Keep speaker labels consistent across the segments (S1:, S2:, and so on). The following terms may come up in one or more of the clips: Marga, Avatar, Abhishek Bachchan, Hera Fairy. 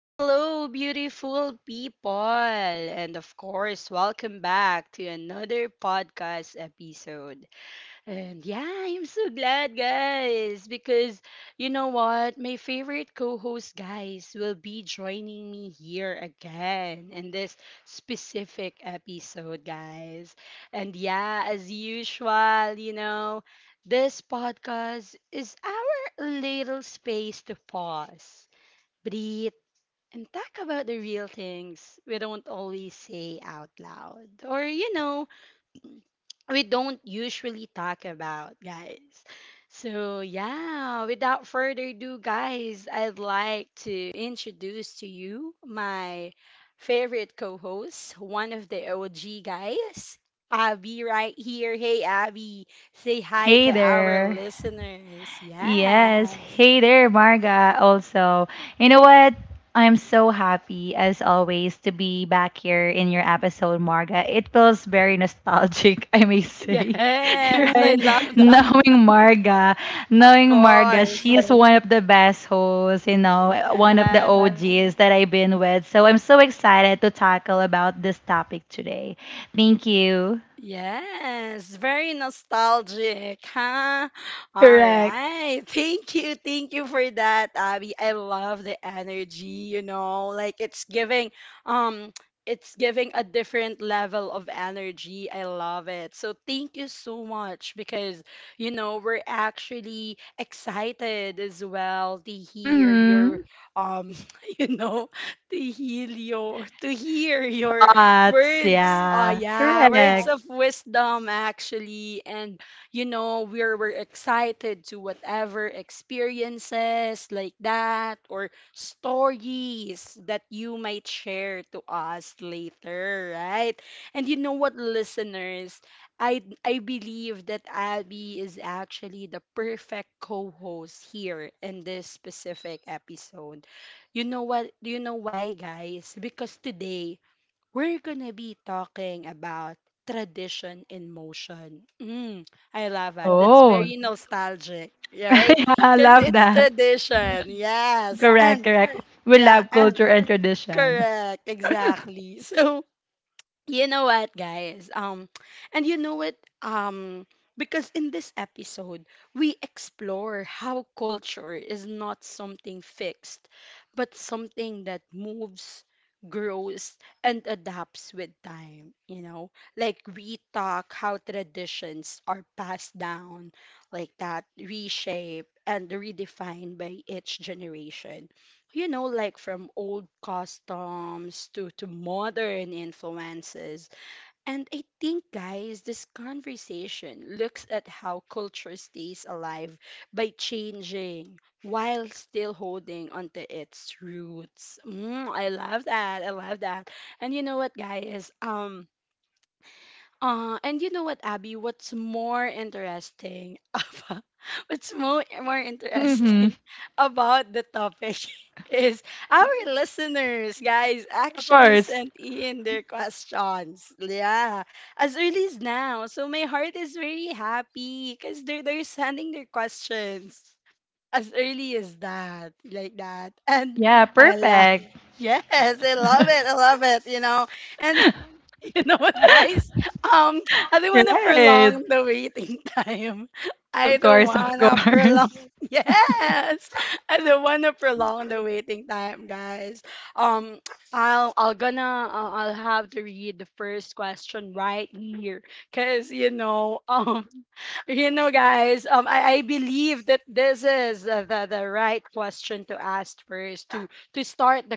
S1: Hello, beautiful people. And of course, welcome back to another podcast episode. And yeah, I'm so glad, guys, because you know what? My favorite co host, guys, will be joining me here again in this specific episode, guys. And yeah, as usual, you know, this podcast is our little space to pause, breathe, and talk about the real things we don't always say out loud. Or, you know, we don't usually talk about, guys. So, yeah, without further ado, guys, I'd like to introduce to you my favorite co host, one of the OG guys, Abby, right here. Hey, Abby, say hi
S2: Hey
S1: to our
S2: there.
S1: listeners.
S2: Yes.
S1: Yeah.
S2: Hey there, Marga, also. You know what? I'm so happy, as always, to be back here in your episode, Marga. It feels very nostalgic, I may say.
S1: Yes, I
S2: Right?
S1: love that.
S2: Knowing Marga,
S1: Of
S2: knowing Marga,
S1: course.
S2: she is one of the best hosts, you know, one of the
S1: Yeah.
S2: OGs that I've been with. So I'm so excited to tackle about this topic today. Thank you.
S1: Yes, very nostalgic, huh? All
S2: Correct.
S1: right. Thank you. Thank you for that, Abby. I love the energy, you know, like um it's giving a different level of energy. I love it. So thank you so much because you know, we're actually excited as well to hear your
S2: Hmm.
S1: um you know, to heal your to hear your
S2: Spots,
S1: words. Oh
S2: yeah.
S1: yeah, words
S2: Correct.
S1: of wisdom actually. And you know, we're excited to whatever experiences like that or stories that you might share to us later, right? And you know what, listeners, I believe that Abby is actually the perfect co-host here in this specific episode. You know what? Do you know why, guys? Because today we're gonna be talking about tradition in motion. Mm, I love it. That's
S2: Oh,
S1: very nostalgic, right?
S2: yeah, I
S1: Because
S2: love
S1: it's
S2: that.
S1: tradition. Yes.
S2: Correct,
S1: And
S2: correct. We
S1: yeah,
S2: love
S1: and
S2: culture and tradition.
S1: correct. Exactly. So you know what, guys? And you know what? Because in this episode, we explore how culture is not something fixed, but something that moves, grows, and adapts with time. You know, like we talk how traditions are passed down, like that, reshaped and redefined by each generation you know, like from old customs to modern influences. And I think, guys, this conversation looks at how culture stays alive by changing while still holding onto its roots. Mm, I love that. I love that. And you know what, guys? And you know what, Abby? What's more interesting about What's more
S2: Mm-hmm.
S1: interesting about the topic is our listeners, guys,
S2: Of
S1: actually
S2: course.
S1: sent in their questions. Yeah, as early as now. So my heart is very happy because they're sending their questions as early as that, like that. And
S2: Yeah,
S1: I love,
S2: perfect.
S1: yes, I love it. I love it. You know, and you know what, guys? Um, I don't want to
S2: Right.
S1: prolong the waiting time. I
S2: Of
S1: don't
S2: course, of
S1: want to prolong.
S2: course.
S1: Yes, I don't want to prolong the waiting time, guys. Um, I'll have to read the first question right here, cause you know you know, guys, I believe that this is the right question to ask first to start the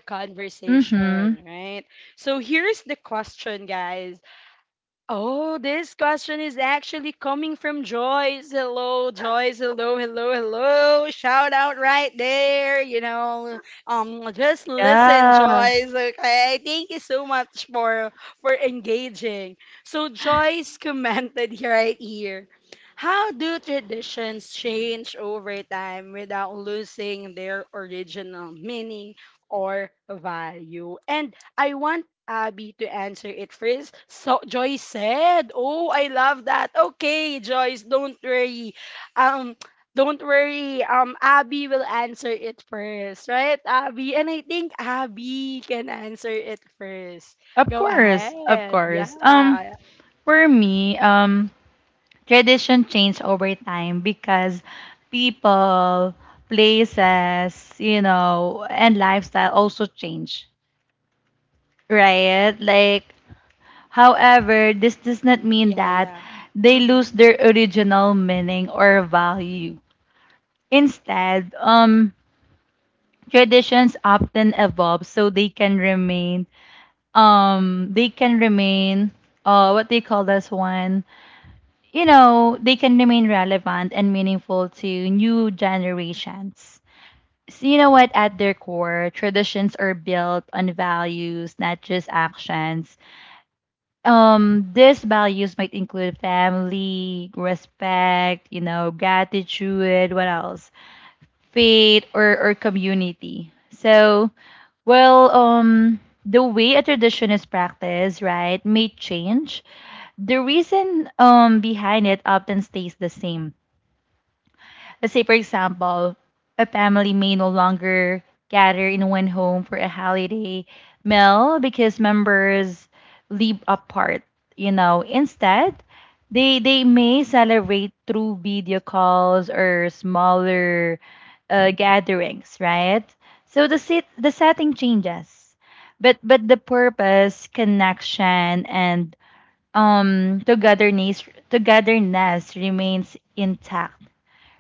S2: Mm-hmm.
S1: conversation, right? So here's the question, guys. Oh, this question is actually coming from Joyce. Hello, Joyce. Hello, hello, hello. Shout out right there. You know, just listen,
S2: Yeah.
S1: Joyce. Okay, thank you so much for engaging. So Joyce commented here right here. How do traditions change over time without losing their original meaning or value? And I want Abby to answer it first. So Joyce said, "Oh, I love that. Okay, Joyce, don't worry. Um, don't worry. Abby will answer it first, right, Abby? And I think Abby can answer it first.
S2: Of
S1: Go
S2: course, of
S1: ahead. Yeah,
S2: course. For me, tradition changed over time because people, places, you know, and lifestyle also change. Right? Like, however, this does not mean
S1: yeah,
S2: that
S1: yeah.
S2: they
S1: Mm-hmm.
S2: lose their original meaning or value. Instead, traditions often evolve so they can remain, um, they can remain, what they call this one, you know, they can remain relevant and meaningful to new generations. So you know what? At their core, traditions are built on values, not just actions. These values might include family, respect, you know, gratitude, what else, faith, or community. So, well, the way a tradition is practiced, right, may change. The reason, behind it, often stays the same. Let's say, for example, a family may no longer gather in one home for a holiday meal because members live apart. You know, instead, they may celebrate through video calls or smaller, gatherings, right? So the setting changes, but the purpose, connection, and togetherness remains intact,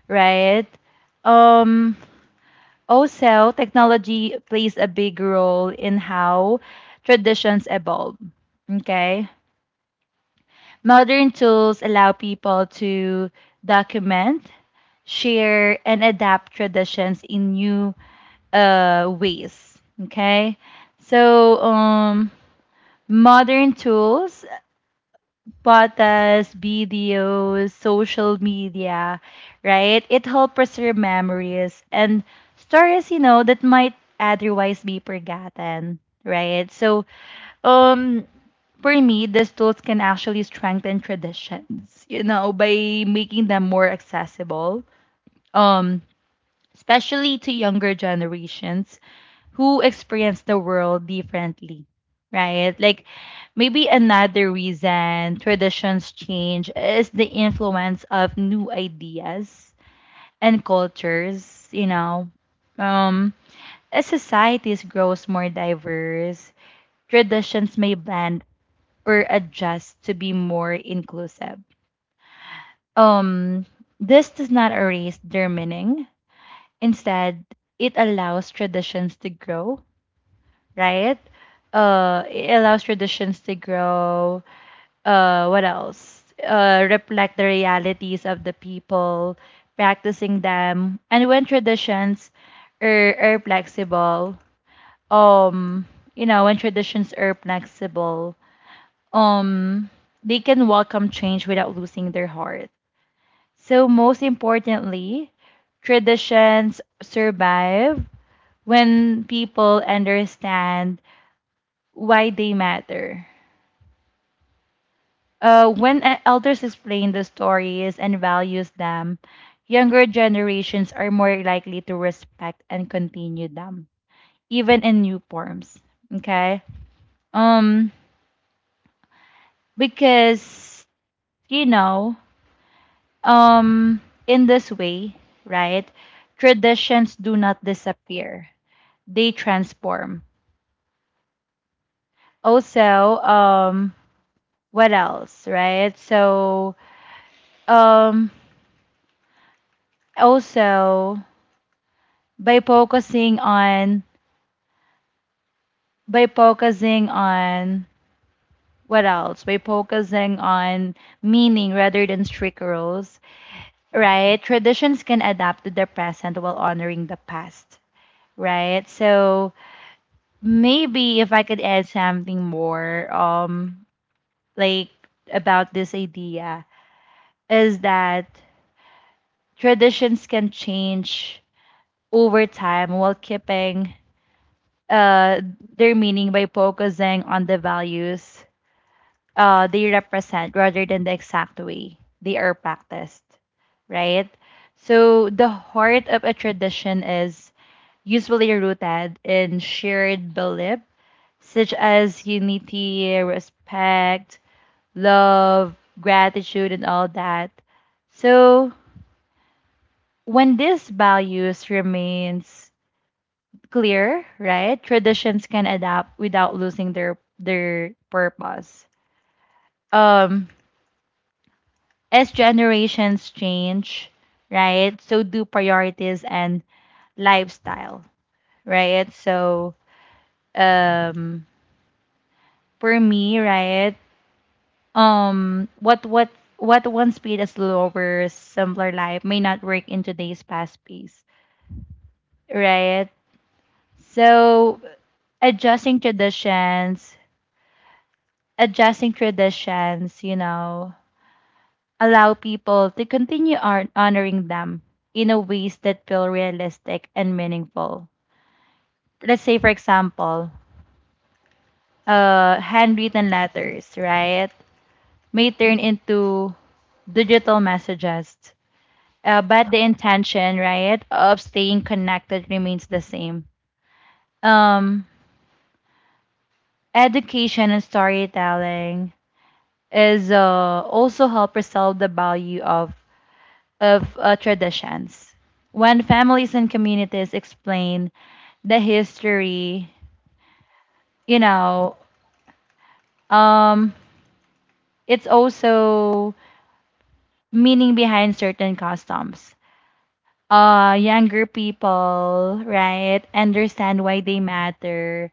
S2: right? Um, Also, technology plays a big role in how traditions evolve. Okay. Modern tools allow people to document, share, and adapt traditions in new, ways. Okay. So, modern tools, podcasts, videos, social media, right? It helps preserve memories and stories, you know, that might otherwise be forgotten, right? So, um, for me, these tools can actually strengthen traditions, you know, by making them more accessible, um, especially to younger generations who experience the world differently, right? Like, maybe another reason traditions change is the influence of new ideas and cultures, you know. Um, as societies grows more diverse, traditions may blend or adjust to be more inclusive. Um, this does not erase their meaning. Instead, it allows traditions to grow, right? It allows traditions to grow. What else? Reflect the realities of the people practicing them. And when traditions are flexible, um, you know, when traditions are flexible, um, they can welcome change without losing their heart. So most importantly, traditions survive when people understand why they matter. When elders explain the stories and values them, younger generations are more likely to respect and continue them, even in new forms. Okay? Um, because, you know, um, in this way, right, traditions do not disappear, they transform. Also, what else, right? So, um, also, by focusing on by focusing on what else, by focusing on meaning rather than strict rules, right, traditions can adapt to the present while honoring the past, right. So, maybe if I could add something more, like, about this idea, is that traditions can change over time while keeping, uh their meaning, by focusing on the values, they represent, rather than the exact way they are practiced, right? So the heart of a tradition is usually rooted in shared belief, such as unity, respect, love, gratitude, and all that. So when these values remains clear, right, traditions can adapt without losing their purpose. Um, as generations change, right? So do priorities and lifestyle, right? So, um for me, right? Um what what what once speed a slower, simpler life may not work in today's fast pace, right? So adjusting traditions, adjusting traditions, you know, allow people to continue on honoring them in a ways that feel realistic and meaningful. Let's say, for example, handwritten letters, right, may turn into digital messages, but the intention, right, of staying connected remains the same. Um, Education and storytelling is, also help preserve the value of traditions. When families and communities explain the history, you know, um, it's also meaning behind certain customs. Younger people, right, understand why they matter,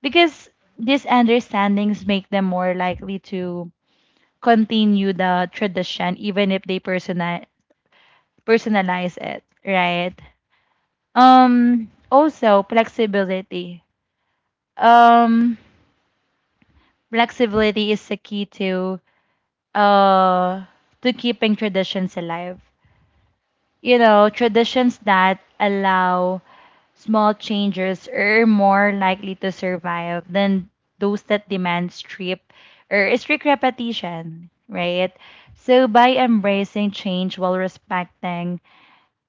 S2: because these understandings make them more likely to continue the tradition, even if they personalize it, right? Also, flexibility. Um, Flexibility is the key uh to keeping traditions alive, you know, traditions that allow small changes are more likely to survive than those that demand strict repetition, right? So, by embracing change while respecting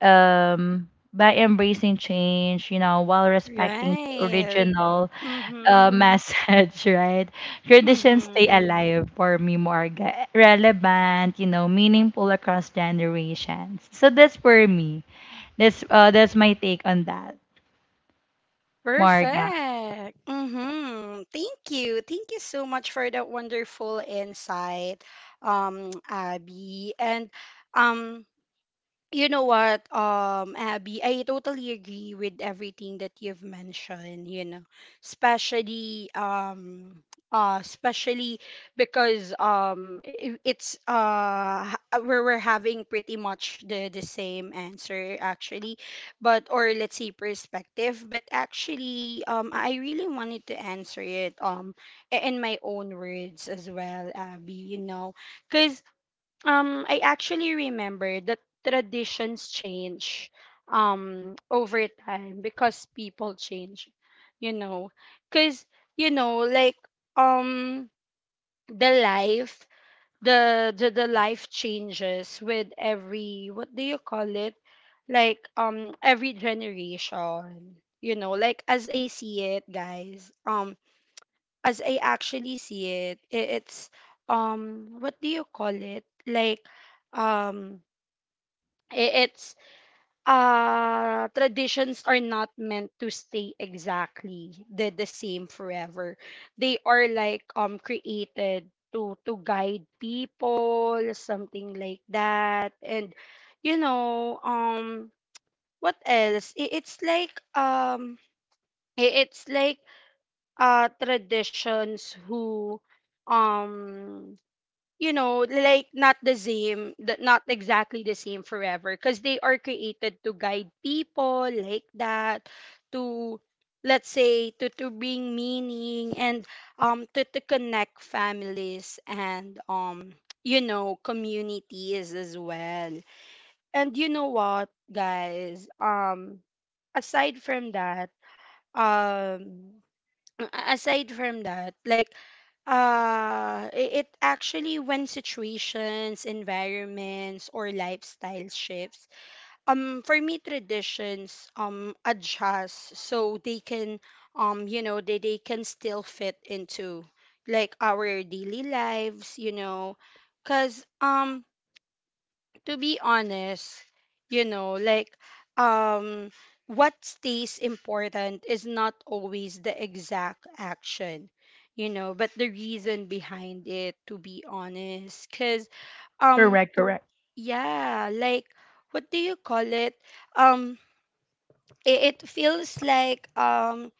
S2: um, by embracing change, you know, while respecting the
S1: Right.
S2: original,
S1: Mm-hmm.
S2: message, right? Traditions
S1: Mm-hmm.
S2: stay alive for me, Morga. Relevant, you know, meaningful across generations. So that's for me. That's my take on that, Morga.
S1: Perfect. Mm-hmm. Thank you. Thank you so much for that wonderful insight, Abby. And um, you know what, Abby, I totally agree with everything that you've mentioned, you know, especially um especially because it's we're having pretty much the same answer actually but or let's say perspective but actually I really wanted to answer it in my own words as well, Abby, you know, because I actually remember that traditions change over time because people change, you know. Cause you know, like um the life the life changes with every what do you call it? Like every generation. You know, like as I see it, guys. As I actually see it, it's what do you call it? Like um it's traditions are not meant to stay exactly the same forever. They are like created to guide people, something like that. And you know, what else? It's like it's like traditions who um you know like not the same not exactly the same forever because they are created to guide people like that to let's say to bring meaning and to connect families and you know communities as well and you know what guys aside from that um aside from that, like it actually when situations, environments or lifestyle shifts, for me traditions adjust so they can you know they can still fit into like our daily lives, you know. Cause to be honest, you know, like um what stays important is not always the exact action, you know, but the reason behind it to be honest cuz um
S2: Correct, correct.
S1: yeah, like what do you call it? Um it, it feels like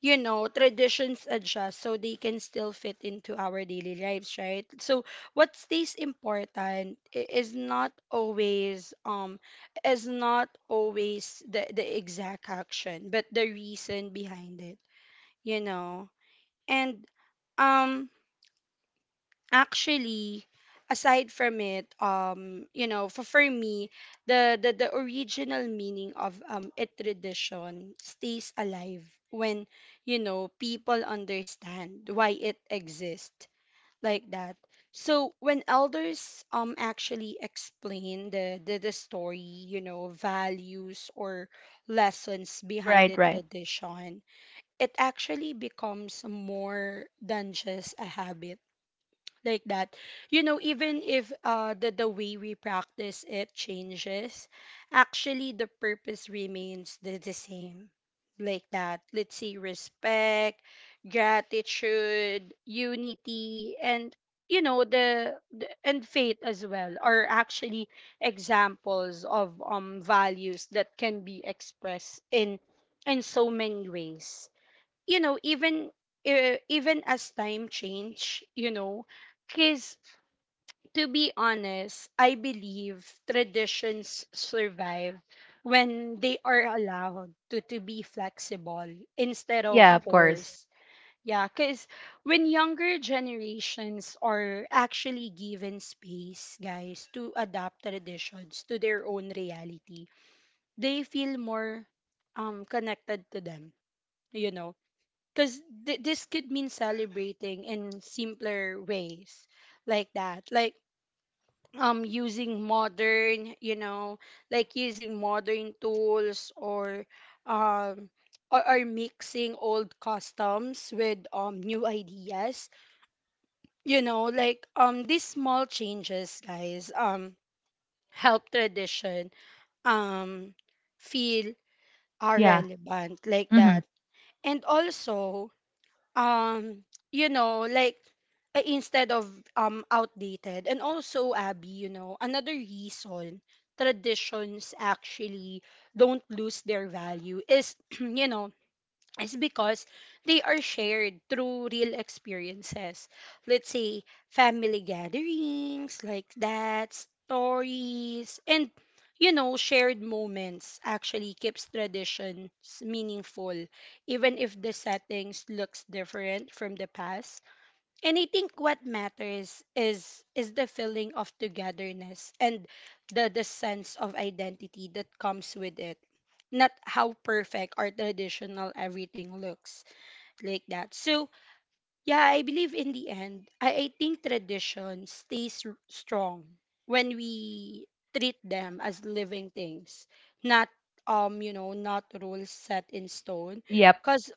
S1: you know traditions adjust so they can still fit into our daily lives right so what stays important is not always the exact action but the reason behind it you know and um actually aside from it you know for me the, the original meaning of a tradition stays alive when you know people understand why it exists like that so when elders actually explain the the story you know values or lessons behind
S2: Right,
S1: it
S2: right.
S1: that on, it actually becomes more than just a habit like that you know even if the way we practice it changes actually the purpose remains the same like that let's say respect gratitude unity and you know the and faith as well are actually examples of values that can be expressed in so many ways you know even even as time change you know because to be honest I believe traditions survive when they are allowed to be flexible instead of
S2: Yeah, of
S1: forced
S2: course.
S1: yeah because when younger generations are actually given space guys to adapt traditions to their own reality they feel more connected to them you know because this could mean celebrating in simpler ways like that like using modern you know like using modern tools um or mixing old customs with new ideas you know like these small changes guys help tradition um feel are
S2: Yeah.
S1: relevant like
S2: Mhm.
S1: that and also um you know like instead of outdated and also abby you know another reason traditions actually don't lose their value is you know is because they are shared through real experiences. Let's say family gatherings like that, stories, and you know, shared moments actually keeps traditions meaningful, even if the settings looks different from the past. And I think what matters is the feeling of togetherness and the sense of identity that comes with it not how perfect or traditional everything looks like that. So, yeah, I believe in the end, I think tradition stays strong when we treat them as living things, not you know, not rules set in stone.
S2: Yep.
S1: Cause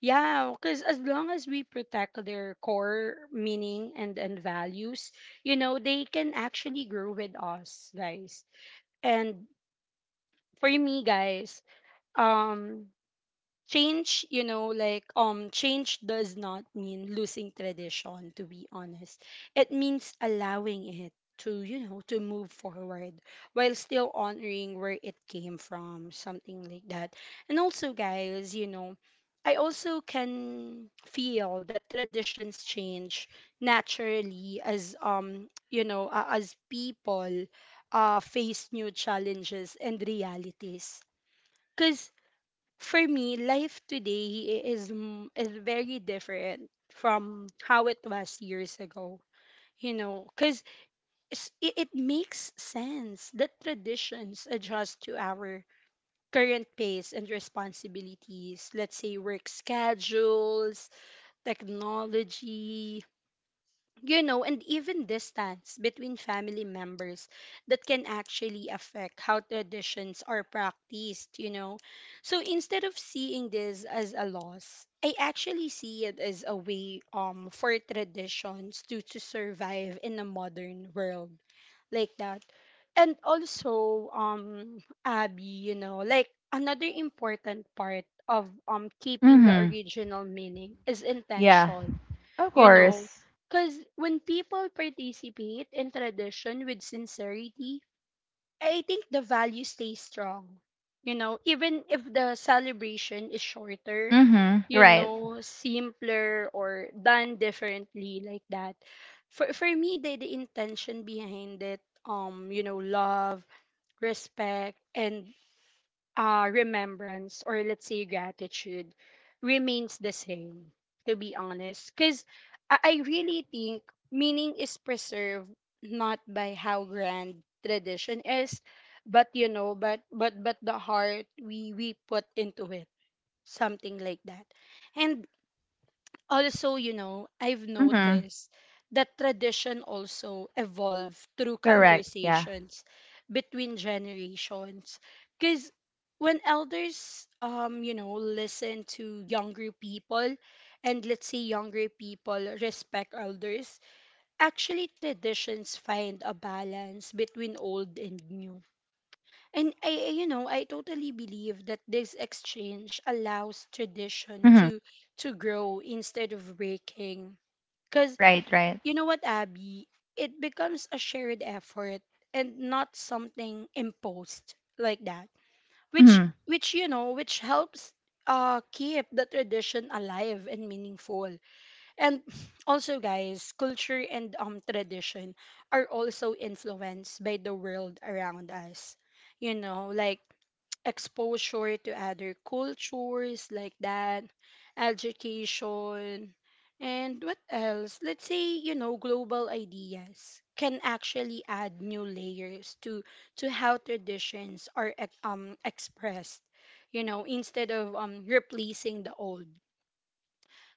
S1: yeah, cause as long as we protect their core meaning and values, you know, they can actually grow with us, guys. And for me, guys, um change you know like change does not mean losing tradition to be honest it means allowing it to you know to move forward while still honoring where it came from something like that and also guys you know I also can feel that traditions change naturally as you know as people face new challenges and realities because for me, life today is is very different from how it was years ago. You know, because it, it makes sense that traditions adjust to our current pace and responsibilities. Let's say work schedules, technology, you know, and even distance between family members that can actually affect how traditions are practiced, you know. So instead of seeing this as a loss, I actually see it as a way for traditions to survive in a modern world like that. And also Abby, like another important part of keeping the
S2: Mhm.
S1: original meaning is
S2: Yeah.
S1: intention,
S2: Of
S1: you know
S2: course.
S1: because when people participate in tradition with sincerity, I think the value stays strong, even if the celebration is shorter,
S2: Mhm.
S1: you
S2: Right.
S1: know simpler, or done differently like that. For me, the intention behind it, love, respect, and remembrance, or let's say gratitude, remains the same, to be honest. Because I really think meaning is preserved not by how grand tradition is, but but the heart we put into it, something like that. And also, I've
S2: Mhm.
S1: noticed that tradition also evolve through
S2: Correct. Yeah.
S1: conversations between generations. Because when elders, listen to younger people, and let's say younger people respect elders, actually traditions find a balance between old and new, and I totally believe that this exchange allows tradition
S2: Mhm.
S1: to grow instead of breaking. Cause
S2: Right, right.
S1: you know what, Abby, it becomes a shared effort and not something imposed like that. Which
S2: Mhm.
S1: which which helps keep the tradition alive and meaningful. And also guys, culture and tradition are also influenced by the world around us. Like exposure to other cultures like that, education, and what else? Let's say, global ideas can actually add new layers to how traditions are expressed, instead of replacing the old.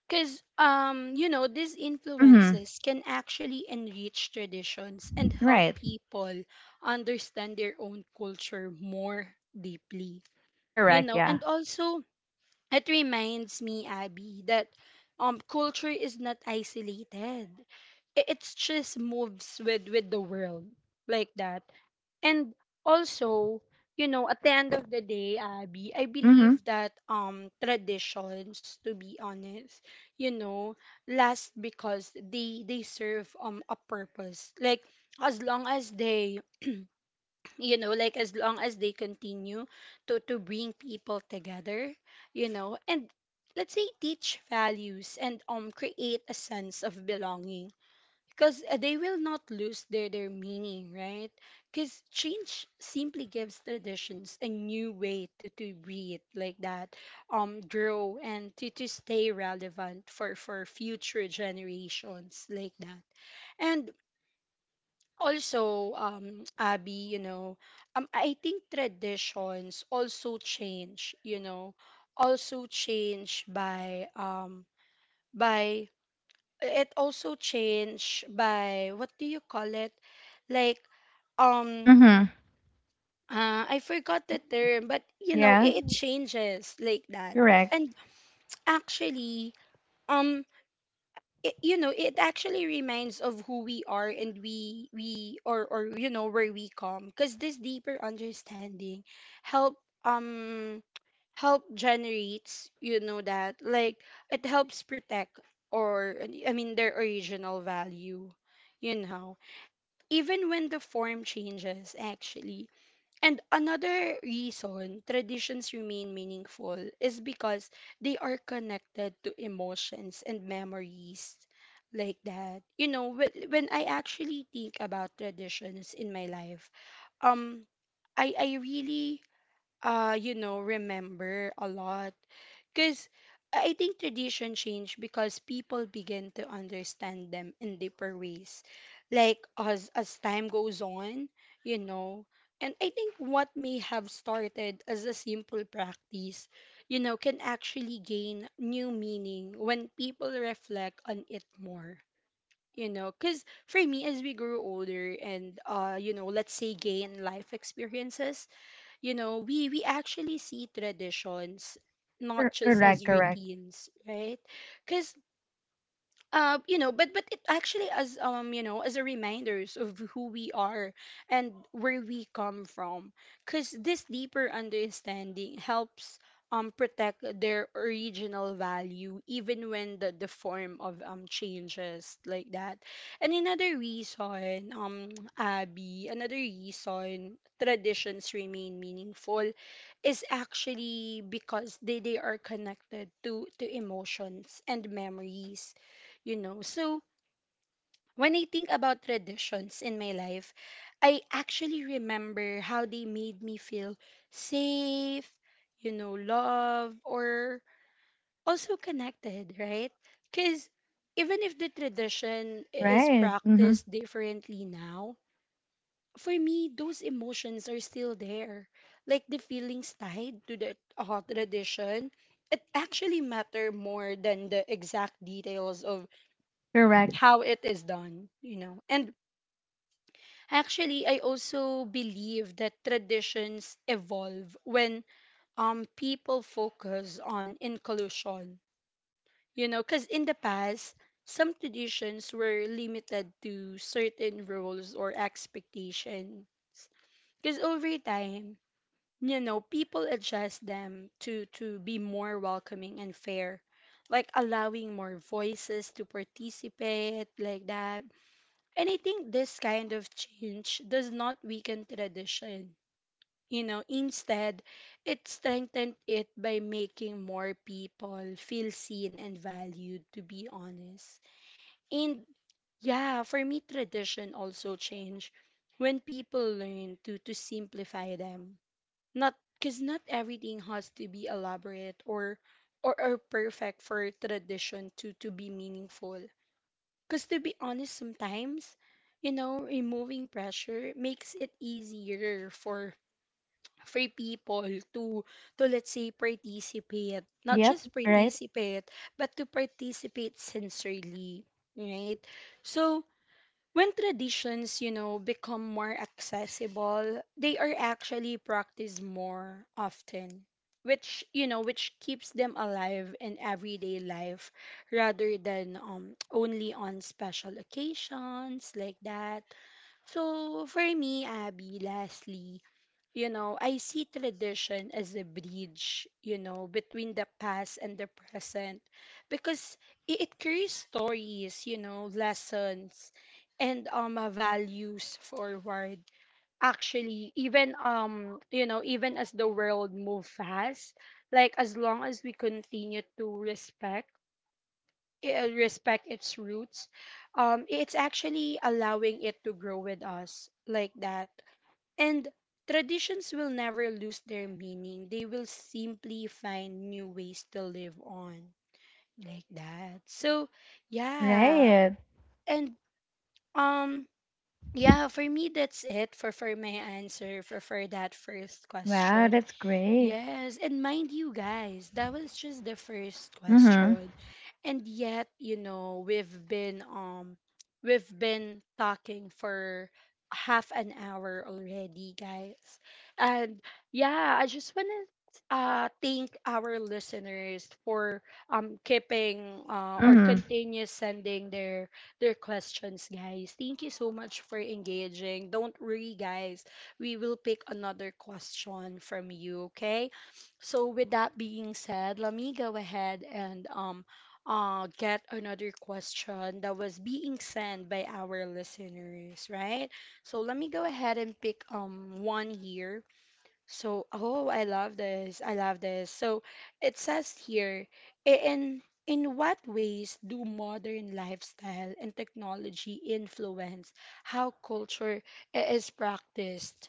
S1: Because these
S2: Mhm.
S1: influences can actually enrich traditions and help
S2: Right.
S1: people understand their own culture more deeply you
S2: Correct,
S1: know
S2: yeah.
S1: And also it reminds me, Abby, that culture is not isolated. It's just moves with the world like that. And also, at the end of the day, Abby, I
S2: Mhm.
S1: believe that traditions, to be honest, you know last because they serve a purpose, like as long as they like as long as they continue to bring people together, and let's say teach values and create a sense of belonging, because they will not lose their meaning, right? Because change simply gives traditions a new way to breathe like that, grow, and to stay relevant for future generations like that. And also, Abby, I think traditions also change, also change by, by it also change by, what do you call it, like, um
S2: Mhm.
S1: I forgot the term, but
S2: Yeah.
S1: it changes like that.
S2: Correct.
S1: And actually, um it, you know it actually reminds of who we are, and we or where we come, because this deeper understanding help um help generates, that, like it helps protect, or I mean, their original value, you know even when the form changes actually. And another reason traditions remain meaningful is because they are connected to emotions and memories like that. When I actually think about traditions in my life, um I really remember a lot, because I think tradition changed because people begin to understand them in deeper ways, like as time goes on, you know. And I think what may have started as a simple practice, can actually gain new meaning when people reflect on it more. Because for me, as we grew older and, let's say gain life experiences, we actually see traditions not just
S2: Correct,
S1: as
S2: correct.
S1: routines, right? Because but it actually, as as a reminders of who we are and where we come from, because this deeper understanding helps protect their original value even when the form of changes like that. And another reason Abby, another reason traditions remain meaningful is actually because they are connected to emotions and memories. So when I think about traditions in my life, I actually remember how they made me feel safe, loved, or also connected, right? Because even if the tradition is
S2: Right. Mhm.
S1: practiced differently now, for me, those emotions are still there. Like the feelings tied to the tradition, it actually matter more than the exact details of
S2: Correct.
S1: how it is done. And actually, I also believe that traditions evolve when people focus on inclusion. Because in the past, some traditions were limited to certain roles or expectations. Because over time, people adjust them to be more welcoming and fair, like allowing more voices to participate, like that. And I think this kind of change does not weaken tradition. Instead, it strengthened it by making more people feel seen and valued, to be honest. And yeah, for me, tradition also changed when people learn to simplify them. Not because not everything has to be elaborate or or perfect for tradition to be meaningful. Because to be honest, sometimes, removing pressure makes it easier for people to let's say participate, not
S2: Yep.
S1: just
S2: Right.
S1: participate, but to participate sincerely, right? So when traditions, become more accessible, they are actually practiced more often, which keeps them alive in everyday life rather than only on special occasions like that. So for me, Abby, lastly, I see tradition as a bridge, between the past and the present, because it carries stories, lessons, and values forward. Actually, even as the world move fast, like as long as we continue to respect its roots, it's actually allowing it to grow with us like that, and traditions will never lose their meaning. They will simply find new ways to live on like that. So, yeah.
S2: Right.
S1: And um yeah, for me that's it for my answer for that first
S2: Wow,
S1: question.
S2: that's great.
S1: Yes, and mind you guys, that was just the first question,
S2: Mhm.
S1: and yet we've been talking for half an hour already, guys. And yeah, I just want to thank our listeners for keeping, or
S2: Mhm.
S1: continue sending their questions, guys. Thank you so much for engaging. Don't worry, guys, we will pick another question from you. Okay, so with that being said, let me go ahead and get another question that was being sent by our listeners, right? So let me go ahead and pick one here. So, oh, I love this. I love this. So it says here, "I- in in what ways do modern lifestyle and technology influence how culture is practiced?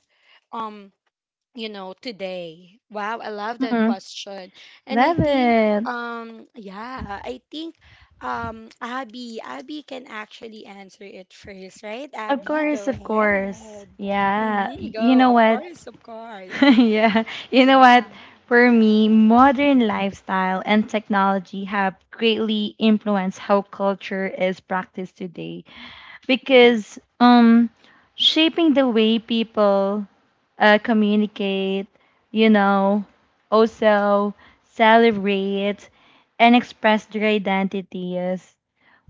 S1: Um, today, wow, I love that
S2: Mhm.
S1: question." And I
S2: Love
S1: think,
S2: it.
S1: yeah, I think, Abby can actually answer it first, right?
S2: Of
S1: Abby, go
S2: course, of course.
S1: ahead.
S2: Yeah. You
S1: Go,
S2: know
S1: of
S2: what?
S1: course, of course.
S2: Yeah. You know what? For me, modern lifestyle and technology have greatly influenced how culture is practiced today. Because shaping the way people, communicate, you know, also celebrate and express their identities.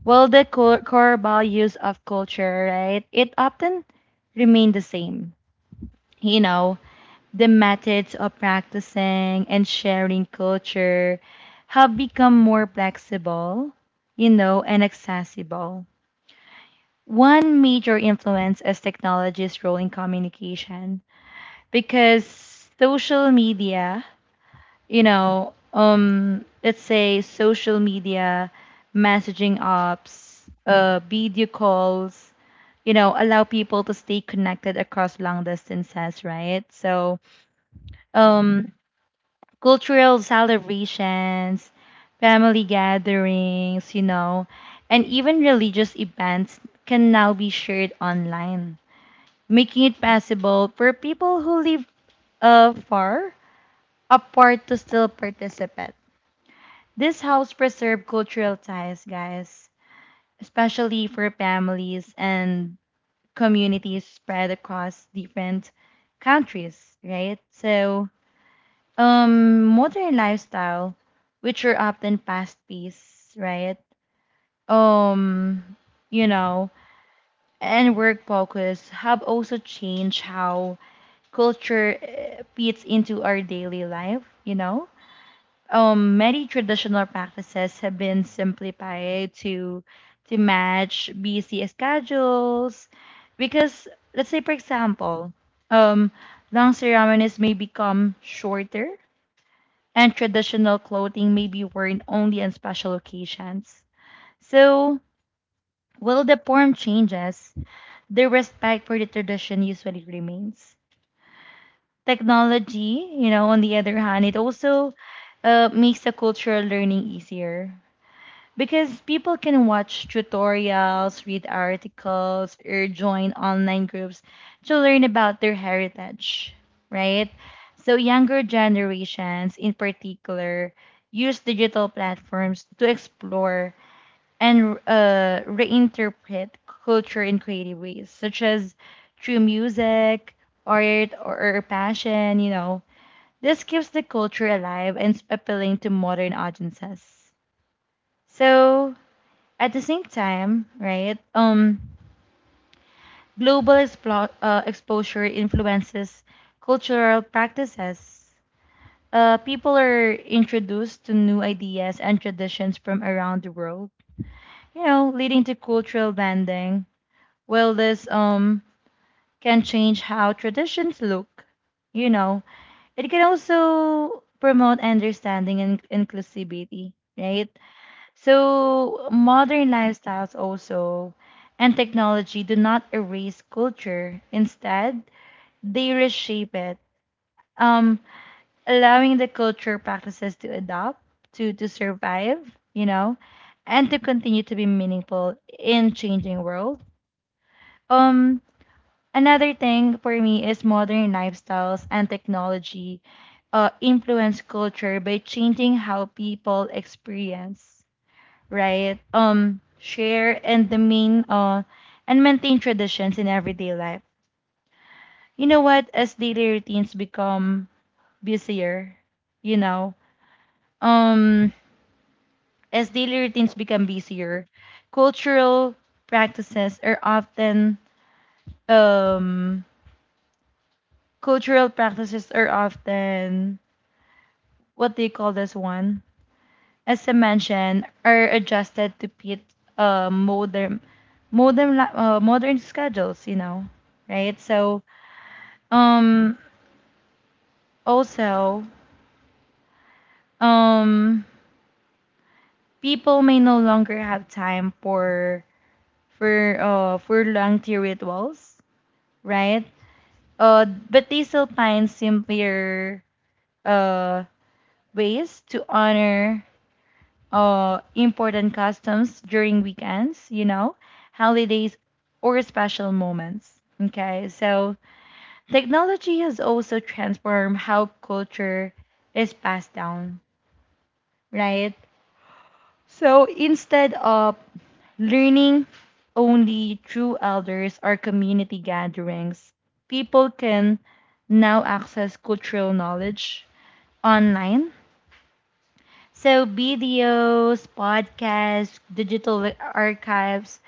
S2: Well, the core values of culture, right? It often remain the same. You know, the methods of practicing and sharing culture have become more flexible, you know, and accessible. One major influence is technology's role in communication, because social media, you know, let's say social media, messaging apps, video calls, you know, allow people to stay connected across long distances, right? So, um, cultural celebrations, family gatherings, you know, and even religious events can now be shared online, making it possible for people who live, far apart to still participate. This house preserve cultural ties, guys, especially for families and communities spread across different countries, right? So, modern lifestyle, which are often fast-paced, right? Um, you know, and work focus have also changed how culture, fits into our daily life, you know? Many traditional practices have been simplified to match busy schedules, because let's say, for example, um, long ceremonies may become shorter, and traditional clothing may be worn only on special occasions. So, while the form changes, the respect for the tradition usually remains. Technology, you know, on the other hand, it also, makes the cultural learning easier, because people can watch tutorials, read articles, or join online groups to learn about their heritage, right? So, younger generations in particular use digital platforms to explore and, reinterpret culture in creative ways, such as through music, art, or passion. You know, this keeps the culture alive and appealing to modern audiences. So, at the same time, right? Global exposure influences cultural practices. People are introduced to new ideas and traditions from around the world, you know, leading to cultural blending. While this, can change how traditions look, you know, it can also promote understanding and inclusivity, right? So, modern lifestyles also and technology do not erase culture. Instead, they reshape it, um, allowing the culture practices to adopt, to survive, you know, and to continue to be meaningful in changing world. Um, Another thing for me is modern lifestyles and technology, influence culture by changing how people experience, right? Share and the main and maintain traditions in everyday life. You know what? As daily routines become busier, you know, um, as daily routines become busier, cultural practices are often, um cultural practices are often what do you call this one? As I mentioned, are adjusted to fit, uh, modern modern schedules. You know, right? So, um, also, um, people may no longer have time for long rituals, right? But they still find simpler, uh ways to honor, important customs during weekends, you know, holidays, or special moments. Okay, so technology has also transformed how culture is passed down, right? So instead of learning only through elders or community gatherings, people can now access cultural knowledge online. So videos, podcasts, digital archives,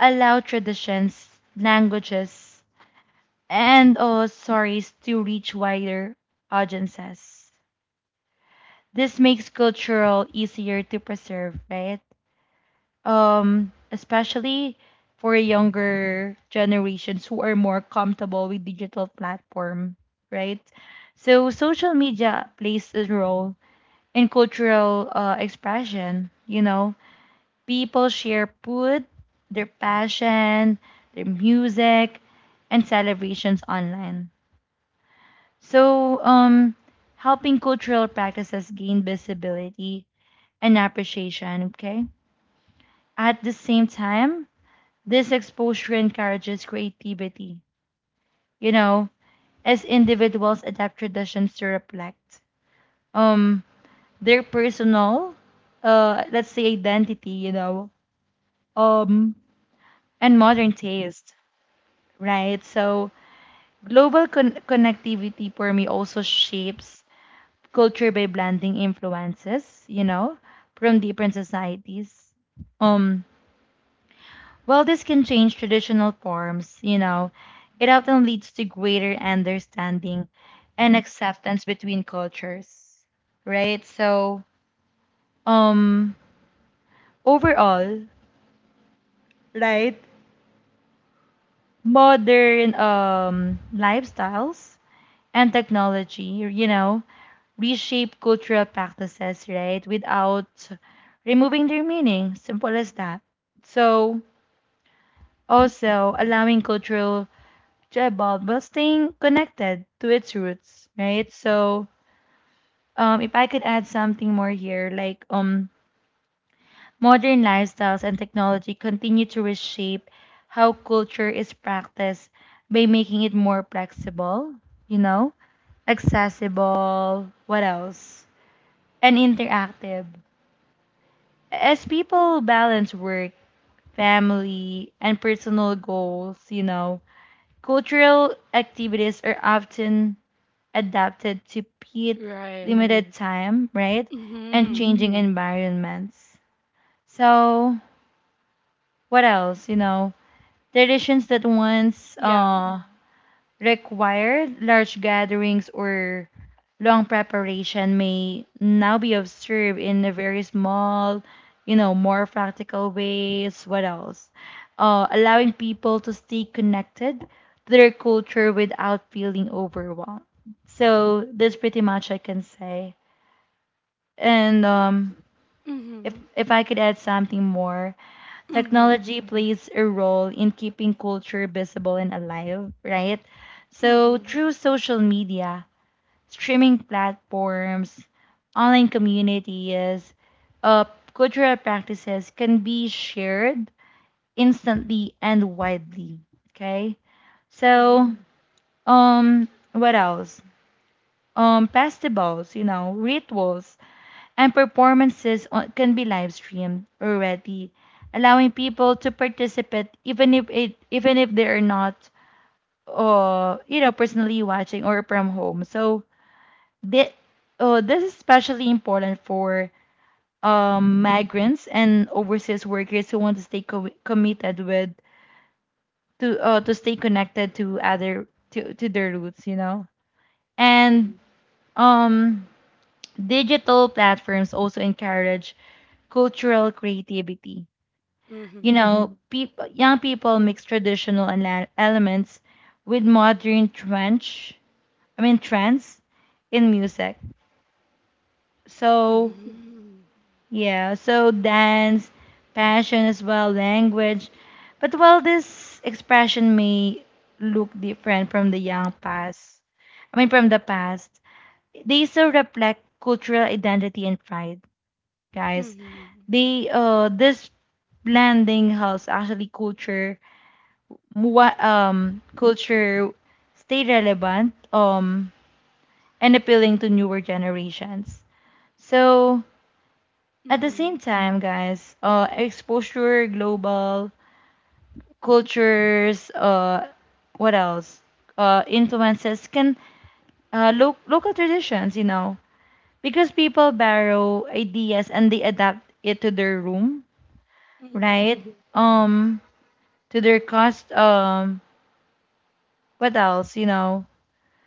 S2: allow traditions, languages, and, stories to reach wider audiences. This makes cultural easier to preserve, right? Especially for younger generations who are more comfortable with digital platform, right? So social media plays a role in cultural, expression, you know. People share food, their passion, their music, and celebrations online. So, helping cultural practices gain visibility and appreciation, okay? At the same time, this exposure encourages creativity, you know, as individuals adapt traditions to reflect, um their personal, let's say identity, you know, um and modern taste, right? So global connectivity for me also shapes culture by blending influences, you know, from different societies. Um, while this can change traditional forms, you know, it often leads to greater understanding and acceptance between cultures, right? So, um, overall, right, modern lifestyles and technology, you know, reshape cultural practices, right, without removing their meaning. Simple as that. So, also allowing cultural to evolve while staying connected to its roots, right? So, if I could add something more here, modern lifestyles and technology continue to reshape how culture is practiced by making it more flexible, you know, accessible. What else? And interactive. As people balance work, family, and personal goals, you know, cultural activities are often adapted to fit
S1: Right.
S2: limited time, right? And
S1: Mm-hmm.
S2: changing environments. So, what else? You know, traditions that once
S1: Yeah.
S2: required, large gatherings or long preparation may now be observed in a very small, you know, more practical ways. What else? Allowing people to stay connected to their culture without feeling overwhelmed. So that's pretty much I can say. And if
S1: Mm-hmm.
S2: if I could add something more,
S1: Mm-hmm.
S2: technology plays a role in keeping culture visible and alive, right? So
S1: Mm-hmm.
S2: through social media, streaming platforms, online communities, uh, cultural practices can be shared instantly and widely. Okay, so
S1: Mm-hmm.
S2: um, what else? Festivals, you know, rituals, and performances on, can be live streamed already, allowing people to participate even if they are not personally watching or from home. So thi- this is especially important for migrants and overseas workers who want to committed with to stay connected to their roots, you know. And um, digital platforms also encourage cultural creativity. You Mhm.
S1: Mm-hmm.
S2: know, peop young people mix traditional elements with modern trench, I mean trends in music. So,
S1: Mm-hmm.
S2: yeah, so dance, passion as well, language. But while this expression may look different from the young past, I mean from the past, they still reflect cultural identity and pride, guys.
S1: Mm-hmm.
S2: They this blending helps actually culture stay relevant and appealing to newer generations. So at the same
S1: Mm-hmm.
S2: time, guys, exposure, global cultures, what else? Influences can local traditions, you know, because people borrow ideas and they adapt it to their room,
S1: Mm-hmm.
S2: right? Um, to their cost. What else? You know,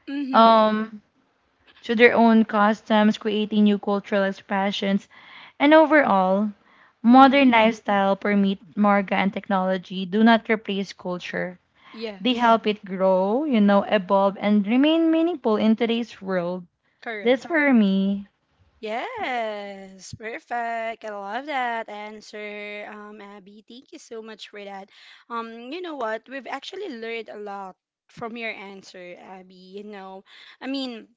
S1: Mm-hmm.
S2: um to their own customs, creating new cultural expressions, and overall, modern
S1: mm-hmm.
S2: lifestyle permit Marga and technology do not replace culture. They
S1: Yes,
S2: help it grow, you know, evolve, and remain meaningful in today's world.
S1: correct.
S2: That's for me.
S1: Yes, perfect. I love that answer, Abby. Thank you so much for that. You know what? We've actually learned a lot from your answer, Abby. I mean,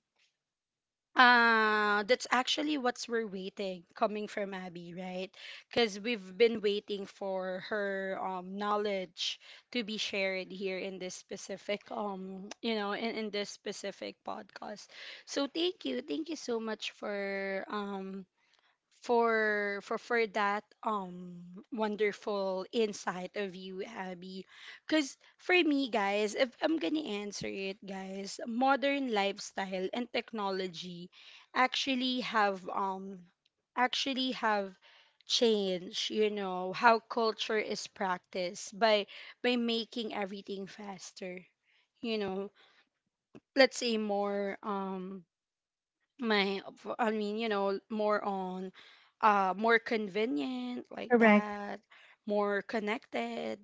S1: that's actually what's we're waiting coming from Abby, right? Because we've been waiting for her knowledge to be shared here in this specific podcast. So thank you so much for for that wonderful insight of you, Abby, because for me guys, if I'm gonna answer it, guys, modern lifestyle and technology actually have um actually have changed, how culture is practiced by making everything faster, you know let's say more, I mean, more on, more convenient like
S2: Correct.
S1: that, more connected,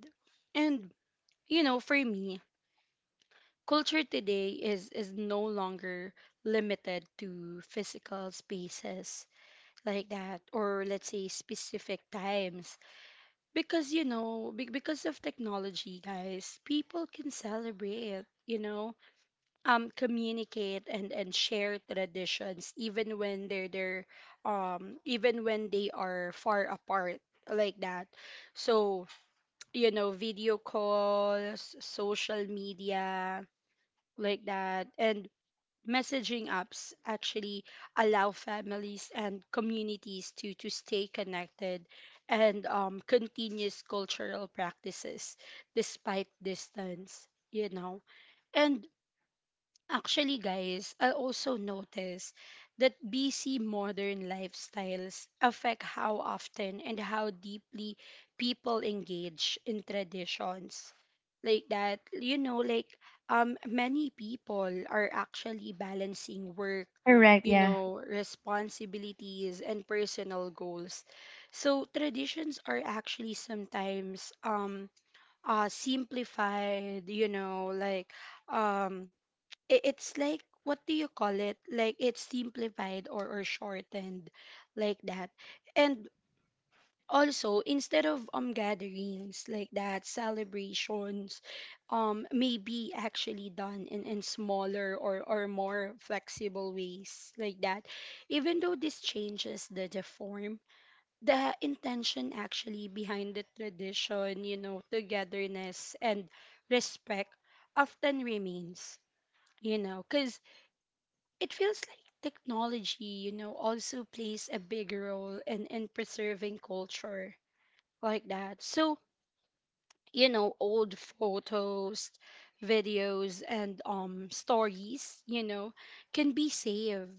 S1: and for me, culture today is no longer limited to physical spaces like that, or let's say specific times, because because of technology, guys, people can celebrate, communicate, and share traditions even when they are far apart like that. So, video calls, social media like that, and messaging apps actually allow families and communities to stay connected, and continuous cultural practices despite distance. And actually, guys, I also notice that busy modern lifestyles affect how often and how deeply people engage in traditions. Like that, like many people are actually balancing work,
S2: Correct. Yeah.
S1: responsibilities and personal goals. So traditions are actually sometimes simplified, like um it's like, what do you call it, like it's simplified, or shortened like that. And also, instead of gatherings like that, celebrations may be actually done in smaller, or more flexible ways like that. Even though this changes the form, the intention actually behind the tradition, togetherness and respect, often remains, you know because it feels like technology, also plays a big role in preserving culture like that. So, you know, old photos, videos, and stories, you know, can be saved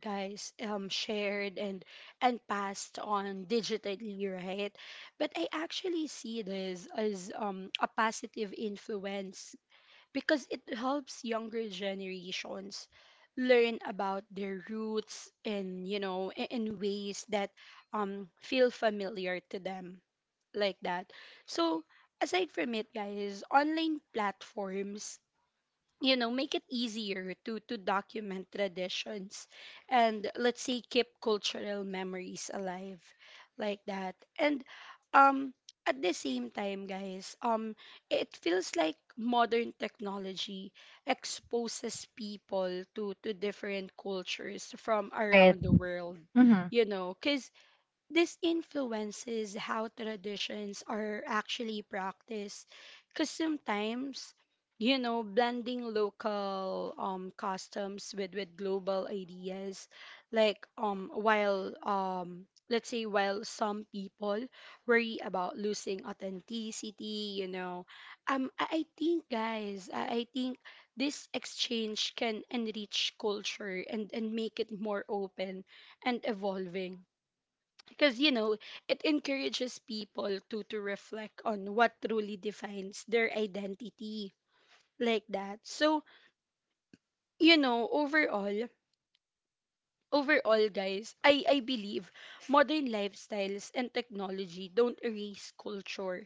S1: guys shared and passed on digitally, right? But I actually see this as a positive influence because it helps younger generations learn about their roots in, you know, in ways that feel familiar to them, like that. So aside from it guys, online platforms, you know, make it easier to document traditions and, let's say, keep cultural memories alive, like that. And um at the same time guys, it feels like modern technology exposes people to different cultures from
S2: Right.
S1: around the world,
S2: Mm-hmm.
S1: you know, cause this influences how traditions are actually practiced, because sometimes, you know, blending local customs with global ideas. While let's say while some people worry about losing authenticity, you know, I think guys, I think this exchange can enrich culture and make it more open and evolving, because, you know, it encourages people to reflect on what truly defines their identity, like that. So, you know, overall guys, I believe modern lifestyles and technology don't erase culture,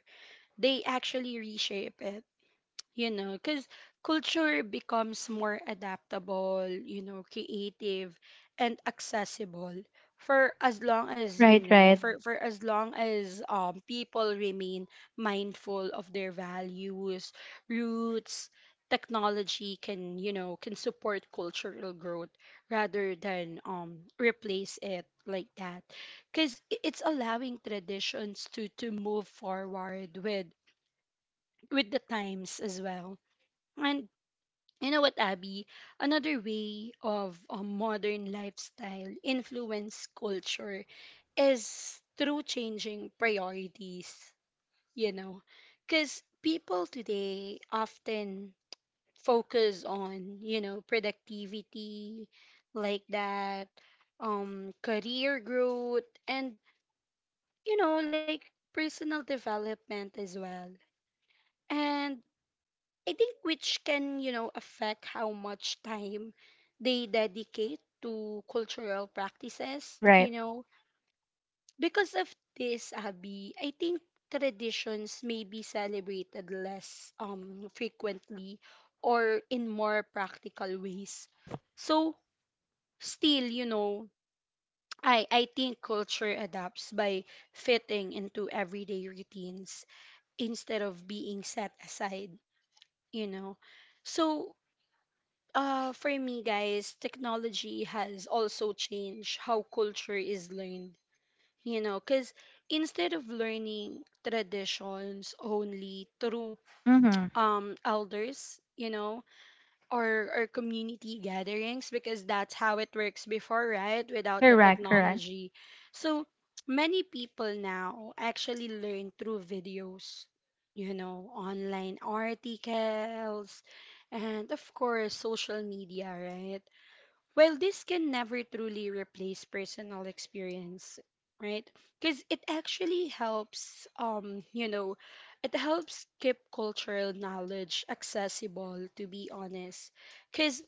S1: they actually reshape it, you know, because culture becomes more adaptable, you know, creative and accessible for as long as, you
S2: Right.
S1: know,
S2: Right.
S1: for as long as people remain mindful of their values, roots. Technology can, you know, can support cultural growth rather than replace it, like that, because it's allowing traditions to move forward with the times as well. And you know what, Abby? Another way of a modern lifestyle influence culture is through changing priorities, you know, because people today often focus on, you know, productivity, like that, career growth, and, you know, like personal development as well. And I think which can, you know, affect how much time they dedicate to cultural practices, you
S2: Right.
S1: know. Because of this, Abby, I think traditions may be celebrated less frequently or in more practical ways. So still, you know, I think culture adapts by fitting into everyday routines instead of being set aside, you know. So for me, guys, technology has also changed how culture is learned. You know, because instead of learning traditions only through
S2: Mm-hmm.
S1: elders, you know, or community gatherings, because that's how it works before, right? Without the
S2: Correct. Correct.
S1: technology, so many people now actually learn through videos, you know, online articles, and of course, social media, right? Well, this can never truly replace personal experience, right? Because it actually helps, you know, it helps keep cultural knowledge accessible, to be honest. Because,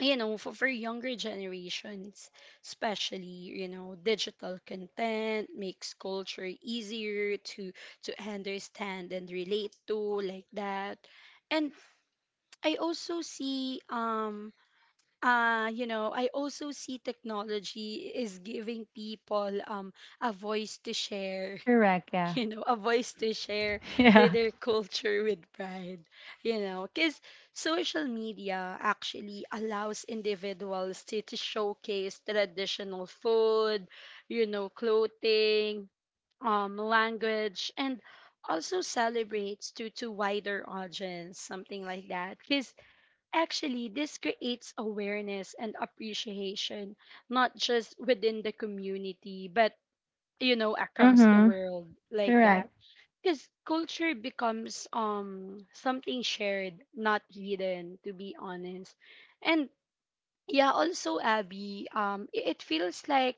S1: you know, for younger generations, especially, you know, digital content makes culture easier to understand and relate to, like that. And I also see you know, I also see technology is giving people a voice to share,
S2: Correct. Yeah.
S1: you know, a voice to share
S2: Yeah.
S1: their culture with pride, you know, because social media actually allows individuals to, showcase traditional food, you know, clothing, language and also celebrates to wider audience, something like that. Because actually, this creates awareness and appreciation, not just within the community, but, you know, across the
S2: Mm-hmm.
S1: world, like that.
S2: Correct.
S1: Because culture becomes something shared, not hidden, to be honest. And yeah, also Abby, it feels like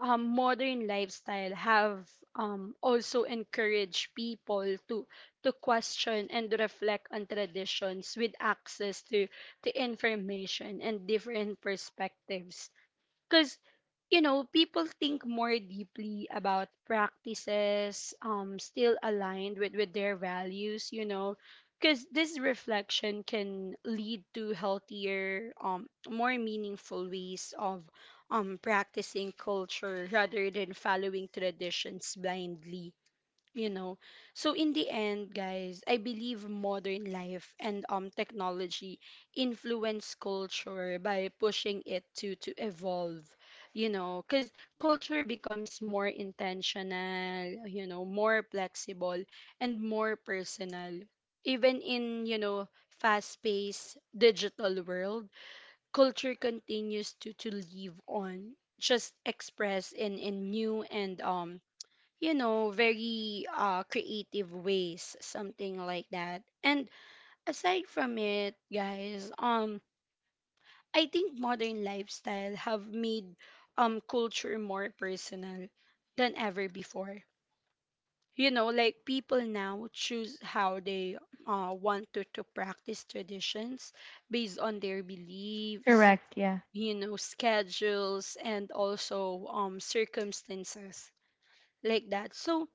S1: modern lifestyle have, also encouraged people to question and reflect on traditions, with access to information and different perspectives, because, you know, people think more deeply about practices still aligned with their values, you know, because this reflection can lead to healthier, more meaningful ways of practicing culture rather than following traditions blindly, you know. So in the end guys, I believe modern life and technology influence culture by pushing it to evolve, you know, because culture becomes more intentional, you know, more flexible and more personal. Even in, you know, fast paced digital world, culture continues to live on, just expressed in new and you know, very creative ways, something like that. And aside from it, guys, I think modern lifestyle have made culture more personal than ever before. You know, like people now choose how they want to, practice traditions based on their beliefs,
S2: Correct. Yeah.
S1: you know, schedules, and also circumstances, like that. So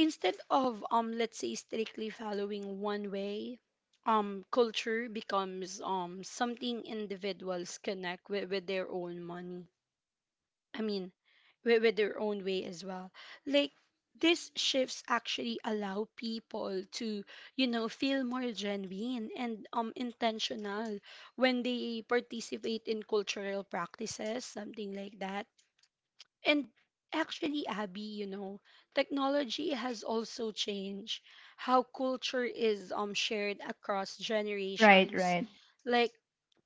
S1: instead of let's say strictly following one way, culture becomes something individuals connect with their own money. I mean, with their own way as well. Like these shifts actually allow people to, you know, feel more genuine and intentional when they participate in cultural practices, something like that. And actually, Abby, you know, technology has also changed how culture is shared across
S2: Right.
S1: generations.
S2: Right.
S1: Like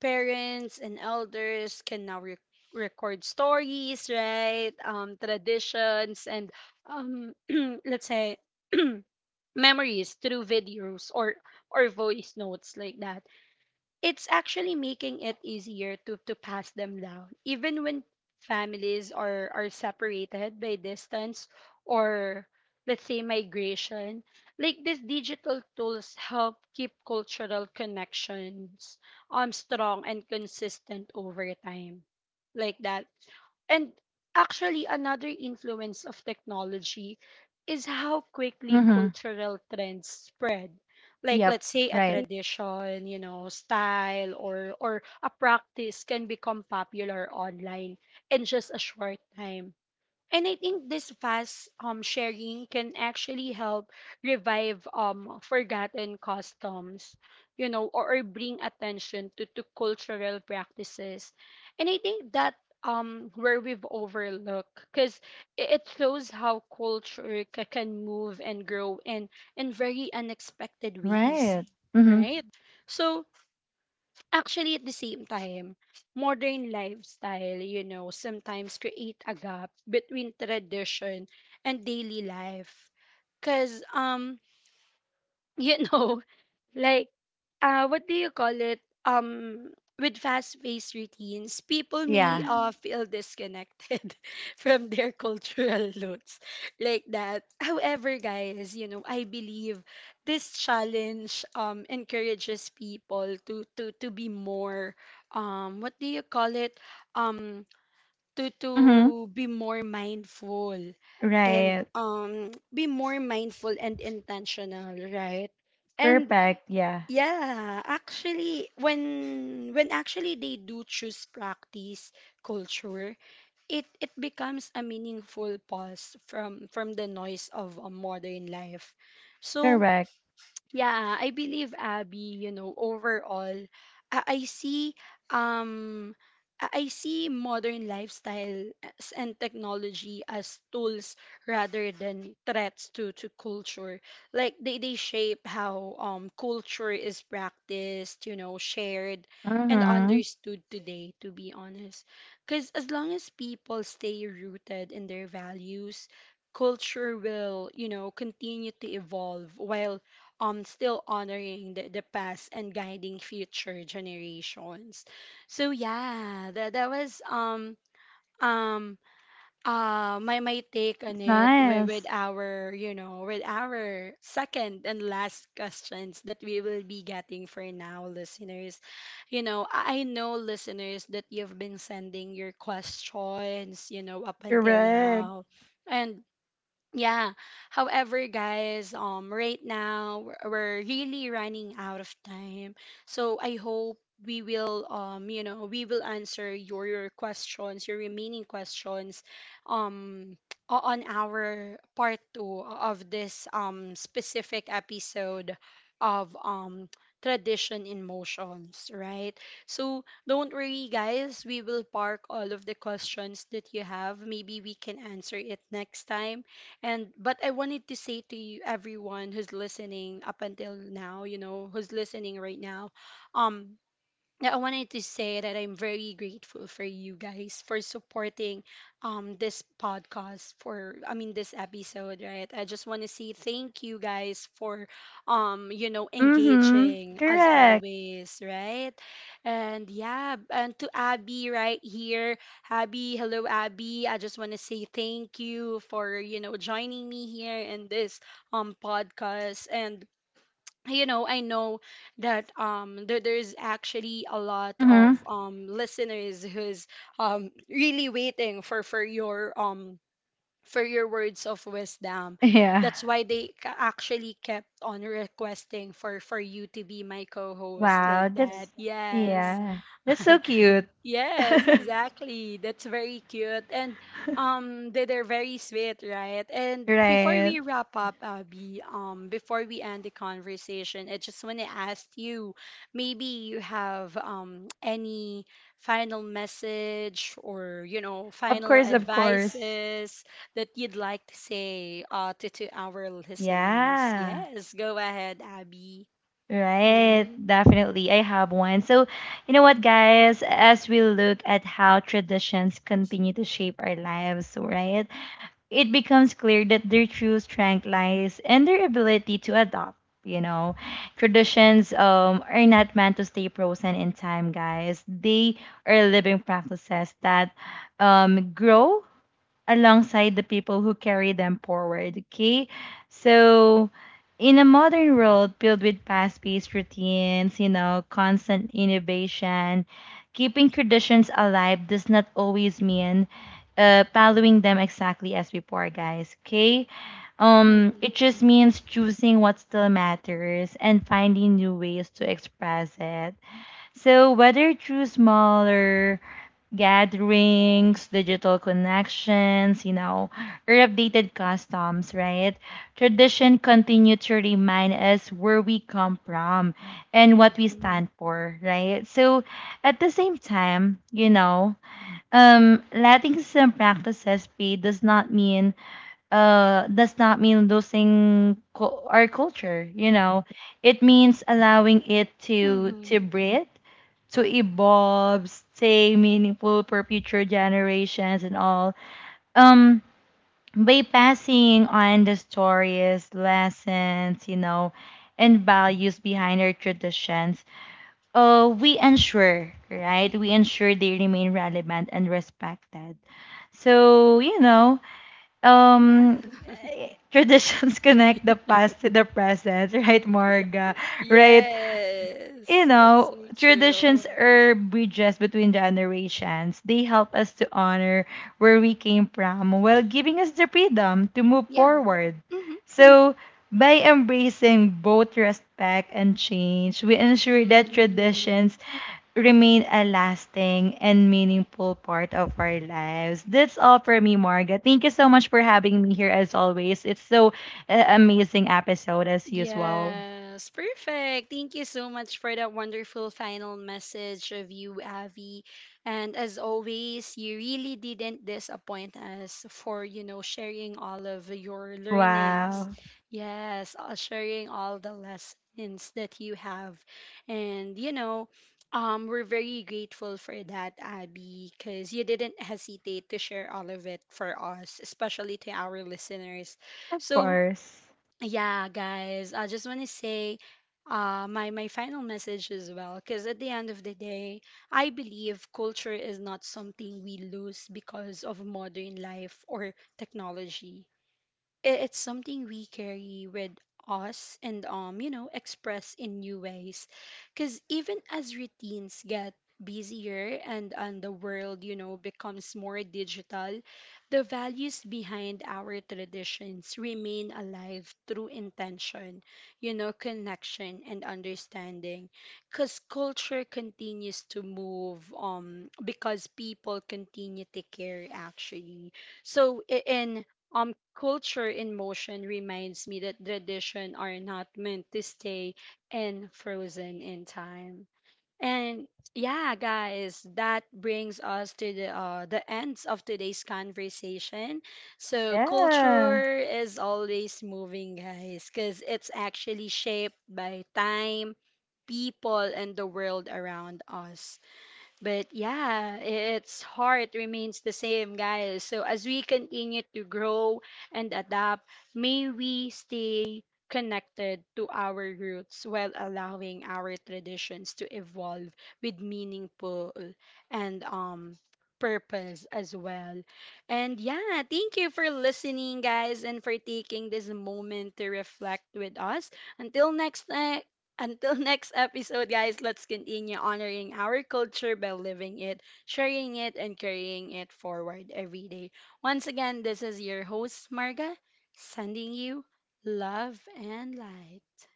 S1: parents and elders can now record stories, right? Traditions and um, let's say memories through videos or voice notes, like that. It's actually making it easier to, pass them down even when families are separated by distance or, let's say, migration. Like these digital tools help keep cultural connections strong and consistent over time, like that. And actually, another influence of technology is how quickly
S2: Mm-hmm.
S1: cultural trends spread. Like,
S2: Yep.
S1: let's say a
S2: Right.
S1: tradition, you know, style or a practice can become popular online in just a short time. And I think this fast sharing can actually help revive forgotten customs, you know, or, bring attention to, cultural practices. And I think that where we've overlooked, because it shows how culture can move and grow in very unexpected ways,
S2: Right. Mm-hmm.
S1: right? So actually, at the same time, modern lifestyle, you know, sometimes create a gap between tradition and daily life. Cause you know, like what do you call it, um, with fast-paced routines people may
S2: Yeah.
S1: feel disconnected from their cultural roots, like that. However guys, you know, I believe this challenge encourages people to be more what do you call it, um, to
S2: Mm. Mm-hmm.
S1: be more mindful and
S2: Right.
S1: be more mindful and intentional, right. And
S2: Perfect. Yeah.
S1: yeah, actually, when actually they do choose practice culture, it becomes a meaningful pause from the noise of a modern life. So
S2: Correct.
S1: yeah, I believe Abby, you know, overall, I see um I see modern lifestyle as- and technology as tools rather than threats to, culture. Like they shape how culture is practiced, you know, shared and
S2: Mm-hmm.
S1: understood today, to be honest. Because as long as people stay rooted in their values, culture will, you know, continue to evolve while still honoring the past and guiding future generations. So yeah, that was um my take on
S2: That's
S1: it, with,
S2: nice.
S1: our you know with our second and last questions that we will be getting for now listeners. You know, I know listeners that you've been sending your questions, you know, up until
S2: Correct.
S1: now. And yeah. However, guys, right now we're really running out of time. So I hope we will, you know, we will answer your questions, your remaining questions, um, on our part two of this specific episode of tradition in motions, right? So don't worry, guys. We will park all of the questions that you have. Maybe we can answer it next time. And but I wanted to say to you everyone who's listening up until now, you know, who's listening right now, um, that I wanted to say that I'm very grateful for you guys for supporting this podcast for I mean this episode, right? I just want to say thank you guys for um, you know,
S2: Mm-hmm.
S1: engaging as
S2: Correct.
S1: always, right? And yeah, and to Abby right here, Abby, hello Abby. I just want to say thank you for, you know, joining me here in this podcast. And you know, I know that there's actually a lot of
S2: Mm-hmm.
S1: listeners who's really waiting for your um, for your words of wisdom.
S2: Yeah.
S1: That's why they actually kept on requesting for you to be my co-host, like
S2: Wow.
S1: that.
S2: That's
S1: Yes.
S2: yeah. That's so cute.
S1: Yes, exactly. That's very cute. And um, they're very sweet, right? And before
S2: Right.
S1: we wrap up, Abby, before we end the conversation, I just wanna ask you, maybe you have any final message or,
S2: For,
S1: you know,
S2: of
S1: final
S2: course. Of course.
S1: advices that you'd like to say to, our listeners.
S2: Yeah.
S1: Yes, go ahead, Abby.
S2: Right,
S1: Mm-hmm.
S2: definitely. I have one. So, you know what, guys? As we look at how traditions continue to shape our lives, right, it becomes clear that their true strength lies in their ability to adopt. You know, traditions are not meant to stay frozen in time, guys. They are living practices that grow alongside the people who carry them forward. Okay. So, in a modern world filled with fast paced routines, you know, constant innovation, keeping traditions alive does not always mean following them exactly as before, guys. Okay.
S1: Mm-hmm.
S2: It just means choosing what still matters and finding new ways to express it. So, whether through smaller gatherings, digital connections, you know, or updated customs, right? Tradition continue to remind us where we come from and what we
S1: Mm-hmm.
S2: stand for, right? So at the same time, you know, letting some practices be does not mean does not mean losing our culture, you know, it means allowing it to
S1: Mm-hmm.
S2: breathe, to evolve, stay meaningful for future generations and all, um by passing on the stories, lessons, you know, and values behind our traditions, we ensure, right, we ensure they remain relevant and respected. So you know,
S1: Yeah.
S2: um traditions connect the past to the present, right, Morga? Right? You
S1: Yes, that's so
S2: know, traditions
S1: true.
S2: are bridges between generations. They help us to honor where we came from while giving us the freedom to move
S1: Yeah.
S2: forward.
S1: Mhm.
S2: So, by embracing both respect and change, we ensure that
S1: Mhm.
S2: traditions remain a lasting and meaningful part of our lives. That's all for me, Marga. Thank you so much for having me here as always. It's so amazing episode as usual.
S1: Yes, perfect. Thank you so much for that wonderful final message of you, Avi. And as always, you really didn't disappoint us for, you know, sharing all of your learning.
S2: Wow.
S1: Yes, sharing all the lessons that you have. And, you know, we're very grateful for that, Abby, because you didn't hesitate to share all of it for us, especially to our listeners.
S2: Of
S1: So,
S2: course.
S1: yeah, guys, I just want to say my final message as well, because at the end of the day, I believe culture is not something we lose because of modern life or technology. It's something we carry with us and, um, you know, express in new ways. Because even as routines get busier and the world, you know, becomes more digital, the values behind our traditions remain alive through intention, you know, connection and understanding, because culture continues to move, because people continue to care actually. So I- in culture in motion reminds me that tradition are not meant to stay and frozen in time. And yeah guys, that brings us to the ends of today's conversation. So
S2: Yeah.
S1: culture is always moving guys, because it's actually shaped by time, people and the world around us. But yeah, its heart remains the same, guys. So as we continue to grow and adapt, may we stay connected to our roots while allowing our traditions to evolve with meaningful and purpose as well. And yeah, thank you for listening guys and for taking this moment to reflect with us. Until next time, until next episode, guys, let's continue honoring our culture by living it, sharing it, and carrying it forward every day. Once again, this is your host, Marga, sending you love and light.